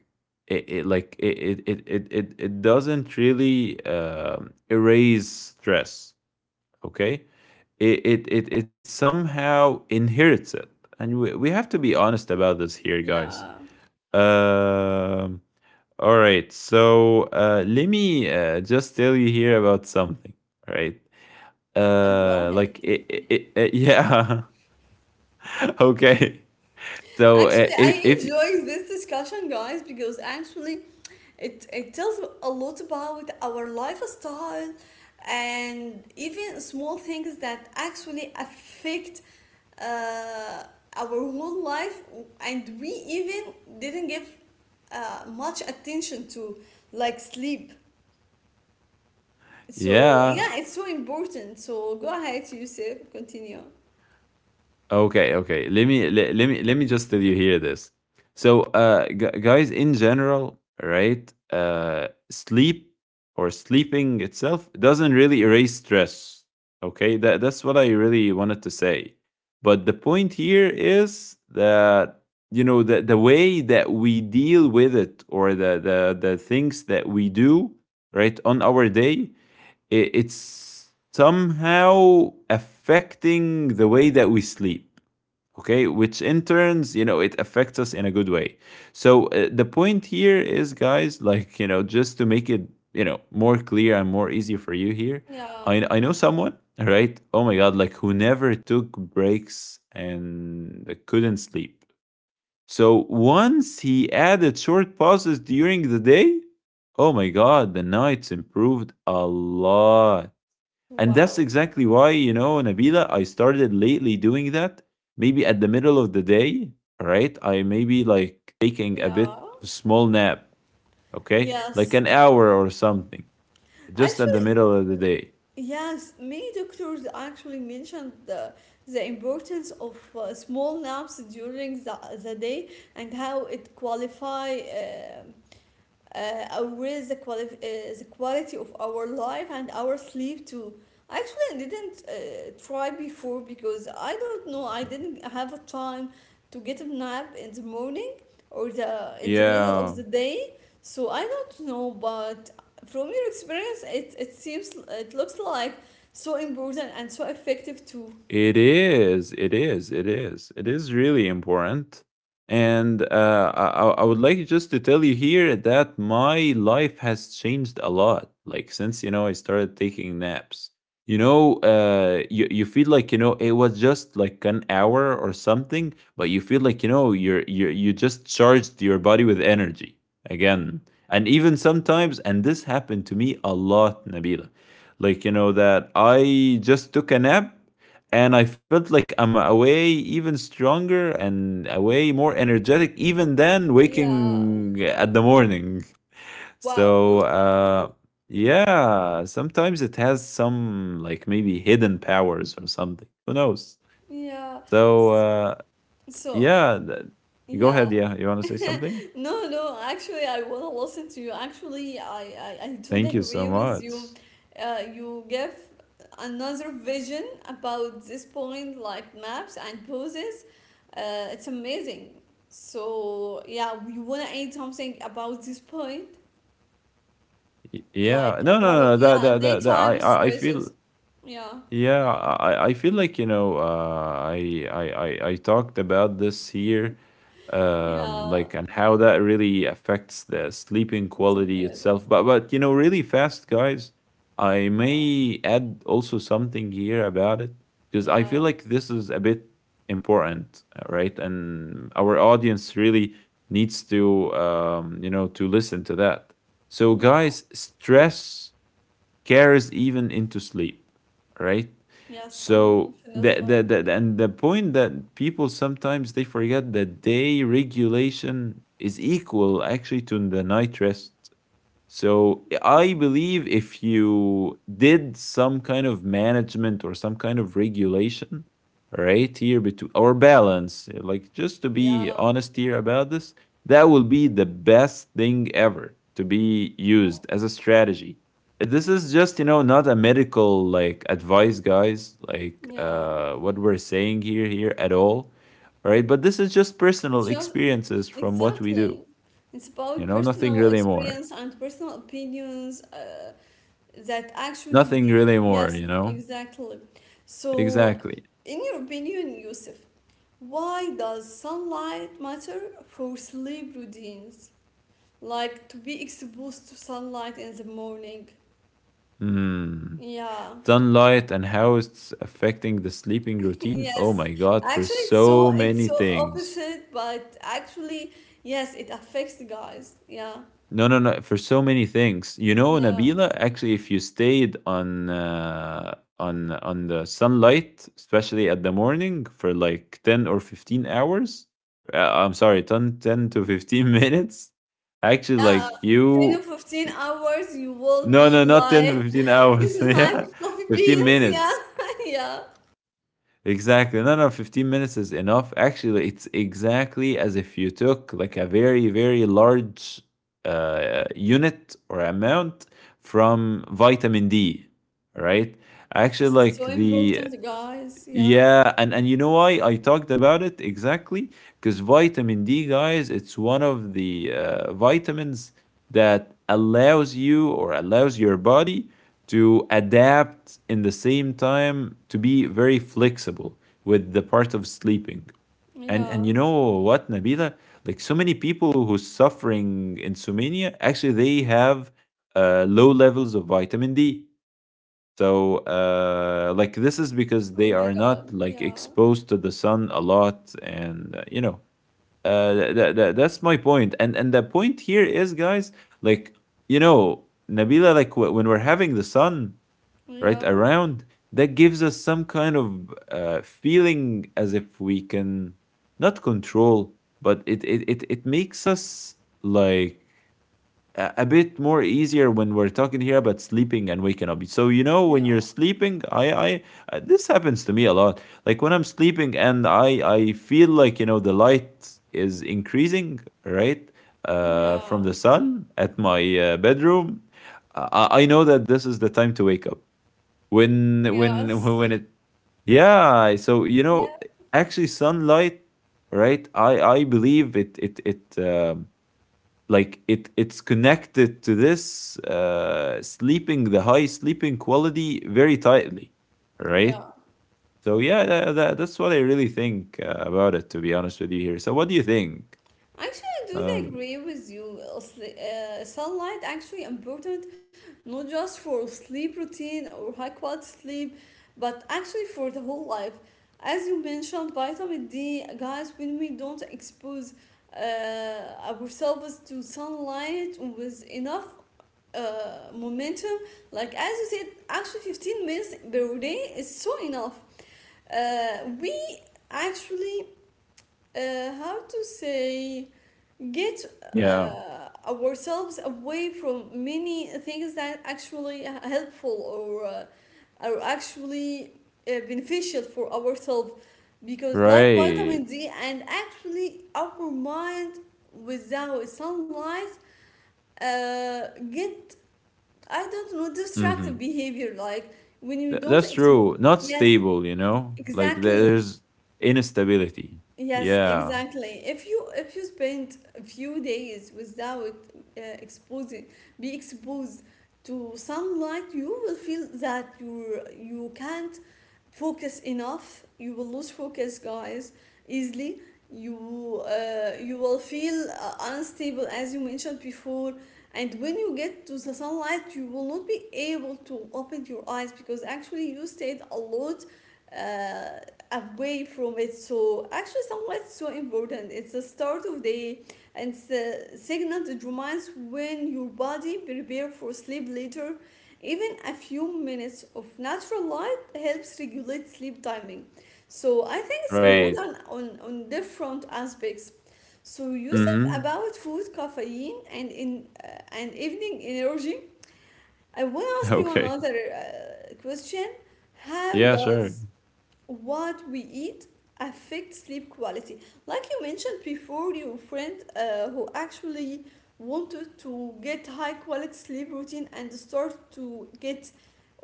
It like it doesn't really erase stress, okay. It somehow inherits it, and we have to be honest about this here, guys. yeah. Um, all right, so let me just tell you here about something, right. Go Uh, ahead. like yeah. Okay. So Actually, I if enjoy this discussion, guys, because actually it tells a lot about our lifestyle and even small things that actually affect uh, our whole life, and we even didn't give much attention to, like sleep. So, yeah. yeah, it's so important. So, go ahead, Yusuf, continue. Okay, okay. Let me just tell you here this. So, gu guys, in general, right? Sleep or sleeping itself doesn't really erase stress. Okay, that that's what I really wanted to say. But the point here is that you know the way that we deal with it, or the things that we do right on our day, it's somehow affecting the way that we sleep, okay, which in turns, you know, it affects us in a good way. So the point here is, guys, like you know, just to make it, you know, more clear and more easier for you here. Yeah. I know someone, right, oh my god, like who never took breaks and couldn't sleep. So once he added short pauses during the day, oh my god, the nights improved a lot. And that's Wow. exactly why, you know, Nabila, I started lately doing that. Maybe at the middle of the day, all right? I maybe like taking a bit Yeah. of small nap, okay? Like Yes. an hour or something, just at the Actually, middle of the day. yes, many doctors actually mentioned the importance of small naps during the day and how it qualify. Or with the, the quality of our life and our sleep too. Actually, I didn't try before because I don't know. I didn't have a time to get a nap in the morning or the in the middle of Yeah. the day. So I don't know. But from your experience, it seems, it looks like so important and so effective too. It is. It is really important. And I would like just to tell you here that my life has changed a lot. Like since you know I started taking naps. You know, you feel like it was just like an hour or something, but you feel like you just charged your body with energy again. And even sometimes, and this happened to me a lot, Nabila. Like that I just took a nap and I felt like I'm away even stronger and away more energetic even than Yeah. waking at the morning. Wow. So yeah, sometimes it has some like maybe hidden powers or something. Who knows? Yeah. So uh, So yeah, th- go yeah. ahead. Yeah, you want to say something? No, no, actually, I want to listen to you. Actually, I totally Thank you agree so with you. much. You give another vision about this point, like maps and poses. It's amazing. So, yeah, we want to add something about this point, Y- like Yeah, no, no, about, no. That, yeah, that, that, that I, daytime I I feel. stresses. Yeah, Yeah, I feel like I talked about this here, yeah, like and how that really affects the sleeping it's quality amazing. itself. But really fast, guys, I Yeah, may add also something here about it because I yeah, feel like this is a bit important, right? And our audience really needs to to listen to that. So yeah. guys, stress cares even into sleep, right? Yes, So the, the, unfortunately. the and the point that people sometimes they forget that day regulation is equal actually to the night rest. So I Mhm. believe if you did some kind of management or some kind of regulation right here between or balance, like just to Yeah. be honest here about this, that will be the best thing ever to be used as a strategy. This is just, not a medical like advice, guys, like Yeah, what we're saying here at all. Right. But this is just personal just experiences from what we do. exactly. It's about Nothing personal really more. experience and personal opinions that actually Nothing we, really more, yes, you know? exactly. So, Exactly. in your opinion, Yusuf, why does sunlight matter for sleep routines? Like to be exposed to sunlight in the morning? Hmm. Yeah. Sunlight and how it's affecting the sleeping routine. Oh Yes. my God, for Actually, so many it's so things. opposite, but actually, yes, it affects the guys. Yeah. No, no, no, for so many things. Yeah. Nabila, actually, if you stayed on on the sunlight, especially at the morning for like 10 or 15 hours. I'm sorry, ten to 15 minutes, actually, Yeah, like 10 to you. 15 hours, you will No, be no, not 10 to like 15 hours. like Yeah, coffee 15 beans. Yeah, minutes. yeah. Exactly. No, no, 15 minutes is enough. Actually, it's exactly as if you took like a very, very large unit or amount from vitamin D, right? Actually, Yes, it's like so the important, guys. Yeah, yeah, and you know why I talked about it exactly? Because vitamin D, guys, it's one of the vitamins that allows you or allows your body to adapt in the same time to be very flexible with the part of sleeping. And you yeah. know what, Nabila? Like so many people who's suffering insomnia, actually they have low levels of vitamin D. So, like, this is because Oh they my are God. not like Yeah, exposed to the sun a lot, and that's my point. And the point here is, guys, like, Nabila, like, when we're having the sun right yeah, around, that gives us some kind of feeling as if we can not control, but it makes us like a bit more easier when we're talking here about sleeping and waking up. So yeah, when you're sleeping, I this happens to me a lot. Like when I'm sleeping and I feel like the light is increasing right from yeah. the sun at my bedroom. I know that this is the time to wake up. When when Yes, it yeah. So yeah, actually sunlight, right? I believe it it it like it's connected to this sleeping, the high sleeping quality, very tightly, right. yeah. So yeah, that's what I really think about it, to be honest with you here. So what do you think? Actually, I do like, um agree with you. Sunlight actually important not just for sleep routine or high quality sleep, but actually for the whole life. As you mentioned, vitamin D, guys, when we don't expose ourselves to sunlight with enough momentum, like as you said, actually 15 minutes per day is so enough. We actually how to say get yeah. Ourselves away from many things that actually are helpful or are actually beneficial for ourselves because like Right. vitamin D and actually our mind without sunlight uh, get, I don't know, destructive Mm-hmm. behavior like when you don't That's ex- true. Not yes stable, like exactly. there's instability. Yes, Yeah. exactly. If you spend a few days without uh, exposing, be exposed to sunlight, you will feel that you can't focus enough. You will lose focus, guys, easily. You will feel unstable, as you mentioned before. And when you get to the sunlight, you will not be able to open your eyes because actually you stayed a lot. Uh, Away from it. So actually, sunlight is so important. It's the start of day and it's a signal that reminds when your body prepare for sleep later. Even a few minutes of natural light helps regulate sleep timing. So I think it's Right. important on different aspects. So Yusuf, Mm-hmm. about food, caffeine, and in and evening energy, I want to ask you Okay, another question. How yeah, sure. does what we eat affects sleep quality. Like you mentioned before, your friend who actually wanted to get high quality sleep routine and start to get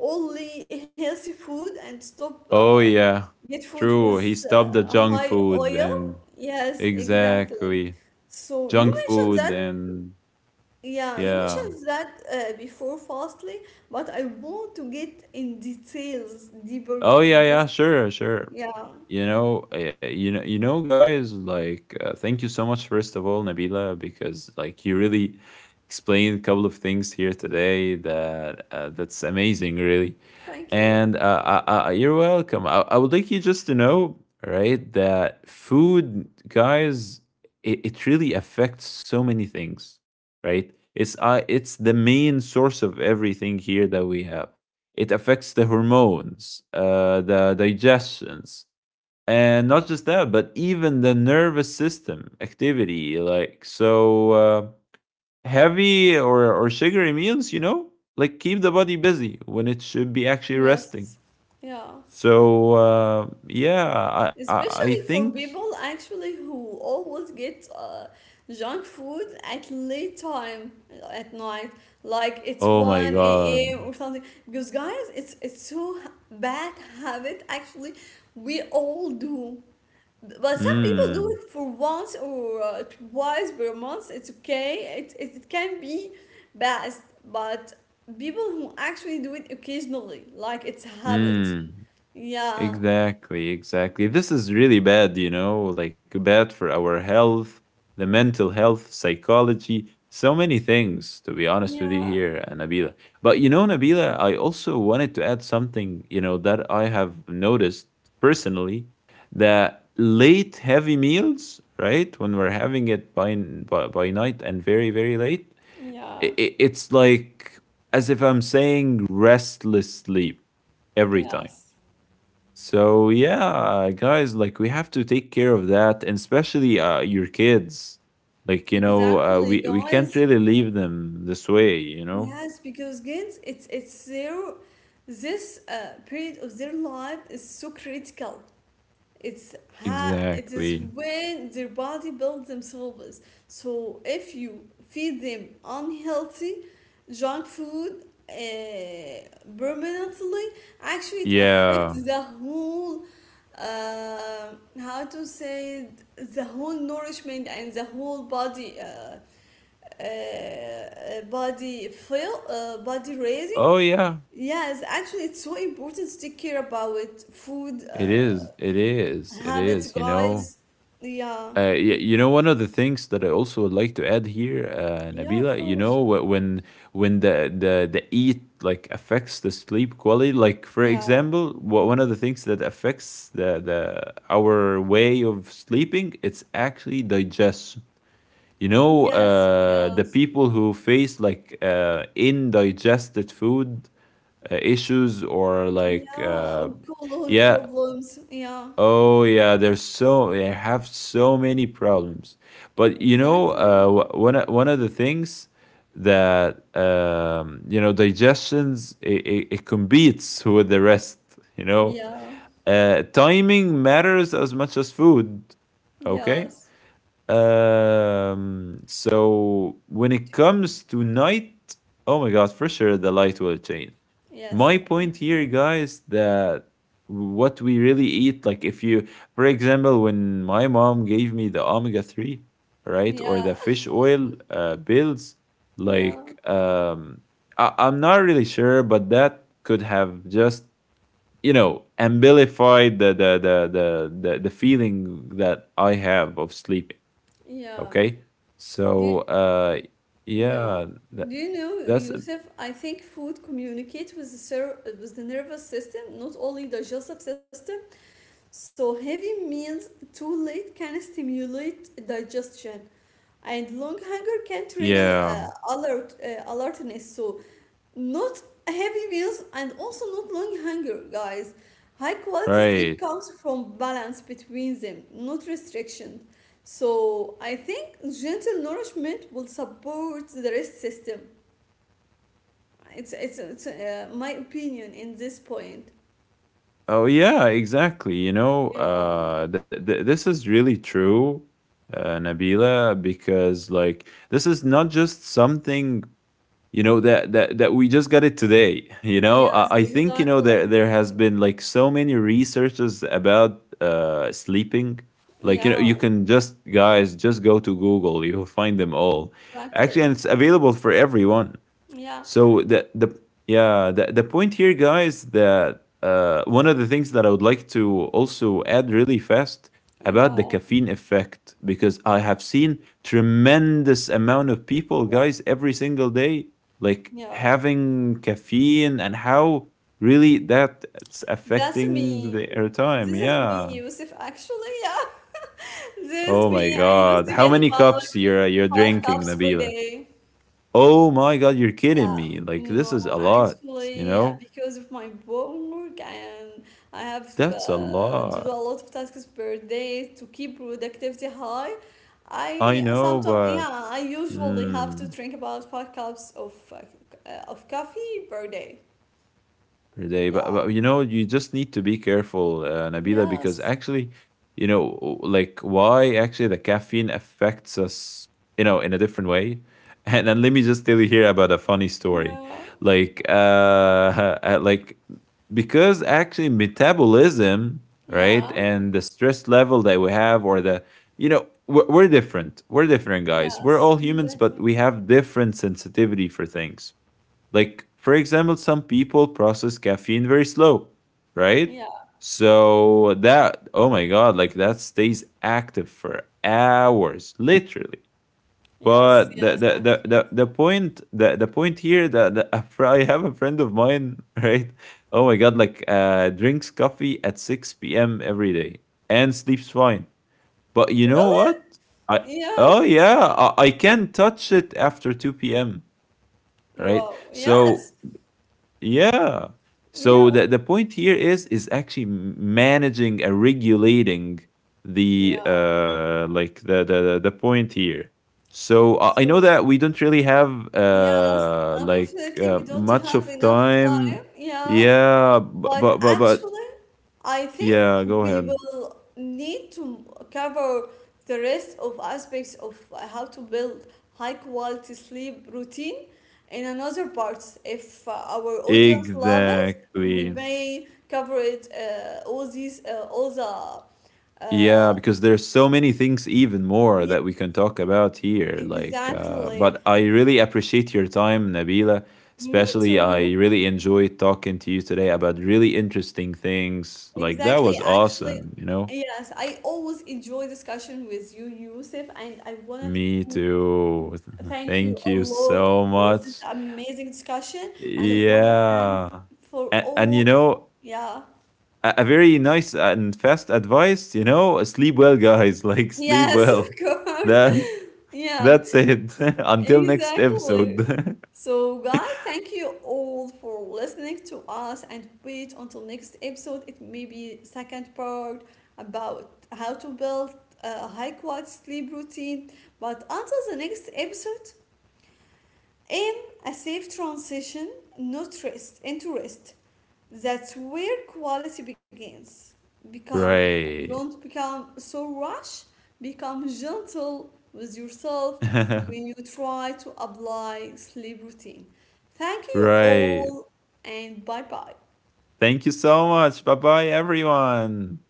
only healthy food and stop Oh yeah, get food true. He with stopped the junk high food oil. and Yes, exactly. exactly, So you junk mentioned food that. and Yeah, you yeah. mentioned that before fastly, but I want to get in details deeper Oh yeah, in yeah. this. Sure, sure. Yeah. Guys, like, thank you so much, first of all, Nabila, because like you really explained a couple of things here today that that's amazing, really. Thank And you. You're welcome. I would like you just to know, right, that food, guys, it really affects so many things, right? It's the main source of everything here that we have. It affects the hormones, the digestions, and not just that, but even the nervous system activity. Like so, heavy or sugary meals, like keep the body busy when it should be actually resting. Yes. Yeah. So yeah, I Especially think. for people actually who always get junk food at late time at night, like it's Oh my 1 a.m. god. or something. Because guys, it's so bad habit actually. We all do. But some people do Mm. it for once or twice per month. It's okay. It can be best, but people who actually do it occasionally, like it's a habit. Mm. Yeah, Exactly, exactly. This is really bad, like bad for our health, the mental health, psychology, so many things, to be honest with you yeah, here, Nabila. But, Nabila, I also wanted to add something, that I have noticed personally that late heavy meals, right, when we're having it by, by night and very, very late, yeah, it's like as if I'm saying restless sleep every time. yes, So yeah, guys, like we have to take care of that, and especially your kids. Like, exactly, we can't guys. really leave them this way. You know. Yes, because kids, it's their this period of their life is so critical. It's ha. It is Exactly. when their body builds themselves. So if you feed them unhealthy junk food permanently, actually it Yeah. affects the whole uh, how to say it, the whole nourishment and the whole body body feel body raising. Oh yeah. Yes, actually it's so important to take care about food. It is. It is. It Habits, is. You know. guys. Yeah. One of the things that I also would like to add here, Yeah, of Nabila, you know, course. wh- when when the eat like affects the sleep quality, like for Yeah. example, one of the things that affects the our way of sleeping, it's actually digestion. Yes, The yes. people who face like indigested food issues or like Yeah. Or colon yeah. problems. Yeah. Oh yeah, there's so they have so many problems. But, Exactly. One of the things that digestions it competes with the rest. You know, Yeah. Timing matters as much as food. Okay, Yes. So when it D- comes to night, oh my god, for sure the light will change. Yes, My point here, actually. guys, that what we really eat, like if you, for example, when my mom gave me the omega 3, right, or Yeah. the fish oil pills, Yeah. like, I'm not really sure, but that could have just amplified the feeling that I have of sleeping. Yeah. Okay. Do So, yeah. yeah, Do that, you know, that's, Yusuf, I think food communicates with the with the nervous system, not only digestive system. So heavy meals too late can stimulate digestion, and long hunger can trigger yeah, alertness, so not heavy meals and also not long hunger, guys. High quality sleep right. comes from balance between them, not restriction. So I think gentle nourishment will support the rest system. It's my opinion in this point. Oh, yeah, exactly. You know, Yeah, th th This is really true, Nabila, because like this is not just something that we just got it today. Yes, I think there exactly. there has been like so many researches about sleeping. Like, Yeah, you can just, guys, just go to Google, you'll find them all actually, and exactly. it's available for everyone. Yeah. So the yeah, the point here, guys, that, one of the things that I would like to also add really fast about the Yeah. caffeine effect because I have seen tremendous amount of people, Wow. guys, every single day, like Yeah. having caffeine and how really that's That's affecting me. their This time. is me, Yeah. Yusuf, actually. Yeah, this Oh is my me. I used God. to How get many about cups you're five drinking, cups per Nabila? day. Oh my God, you're Yeah, kidding me. Like, this no, is a lot, you actually, know? because of my work, and I have That's a to do lot. a lot of tasks per day to keep productivity high. I I know, sometimes, but yeah, I usually have to mm, drink about five cups of of coffee per day. per day. But, Yeah. but you know, you just need to be careful, Nabila, because Yes. actually, you know, like why actually the caffeine affects us, in a different way. And then let me just tell you here about a funny story, Yeah. like, because actually metabolism, right, Yeah. and the stress level that we have, or the, we're different. We're different, guys. We're Yes, all humans, but exactly. we have different sensitivity for things like, for example, some people process caffeine very slow, right? Yeah, So that, oh my God, like that stays active for hours, literally. yes, But yes, actually. The point here that I have a friend of mine, right? Oh my God, like drinks coffee at 6 p.m. every day and sleeps fine. But you know Really? what? I Yeah. Oh yeah, I can touch it after 2 p.m. Right? Wow. So Yes. yeah. So Yeah. the point here is actually managing and regulating the Yeah. Like the point here. So I know So, that we don't really have yes, unfortunately, we don't much have of enough time. time. Yeah. Yeah, but But but but, but actually, I think yeah, go we ahead. will need to cover the rest of aspects of how to build high quality sleep routine in another parts. If our audience love it, we Exactly. may cover it all the uh, Yeah, because there's so many things even more yeah, that we can talk about here. Like, exactly. but I really appreciate your time, Nabila. Me Especially, I too. really enjoyed talking to you today about really interesting things. Like, that Exactly. was Actually, awesome, you know? yes, I always enjoy discussion with you, Yusuf, and I wanna Me too. thank you Thank a you lot so for this much. amazing discussion, and I want to thank Yeah. for And, and you all. know, Yeah. a very nice and fast advice, sleep well, guys. Like, sleep Yes, well. of course. That Yeah, That's it. Until next exactly. episode. So, guys, thank you all for listening to us, and wait until next episode. It may be second part about how to build a high quality sleep routine. But until the next episode, aim a safe transition, not rest into rest. That's where quality begins. Become Right. Don't become so rash, become gentle with yourself when you try to apply sleep routine. Thank you Right. all and bye bye. Thank you so much. Bye bye, everyone.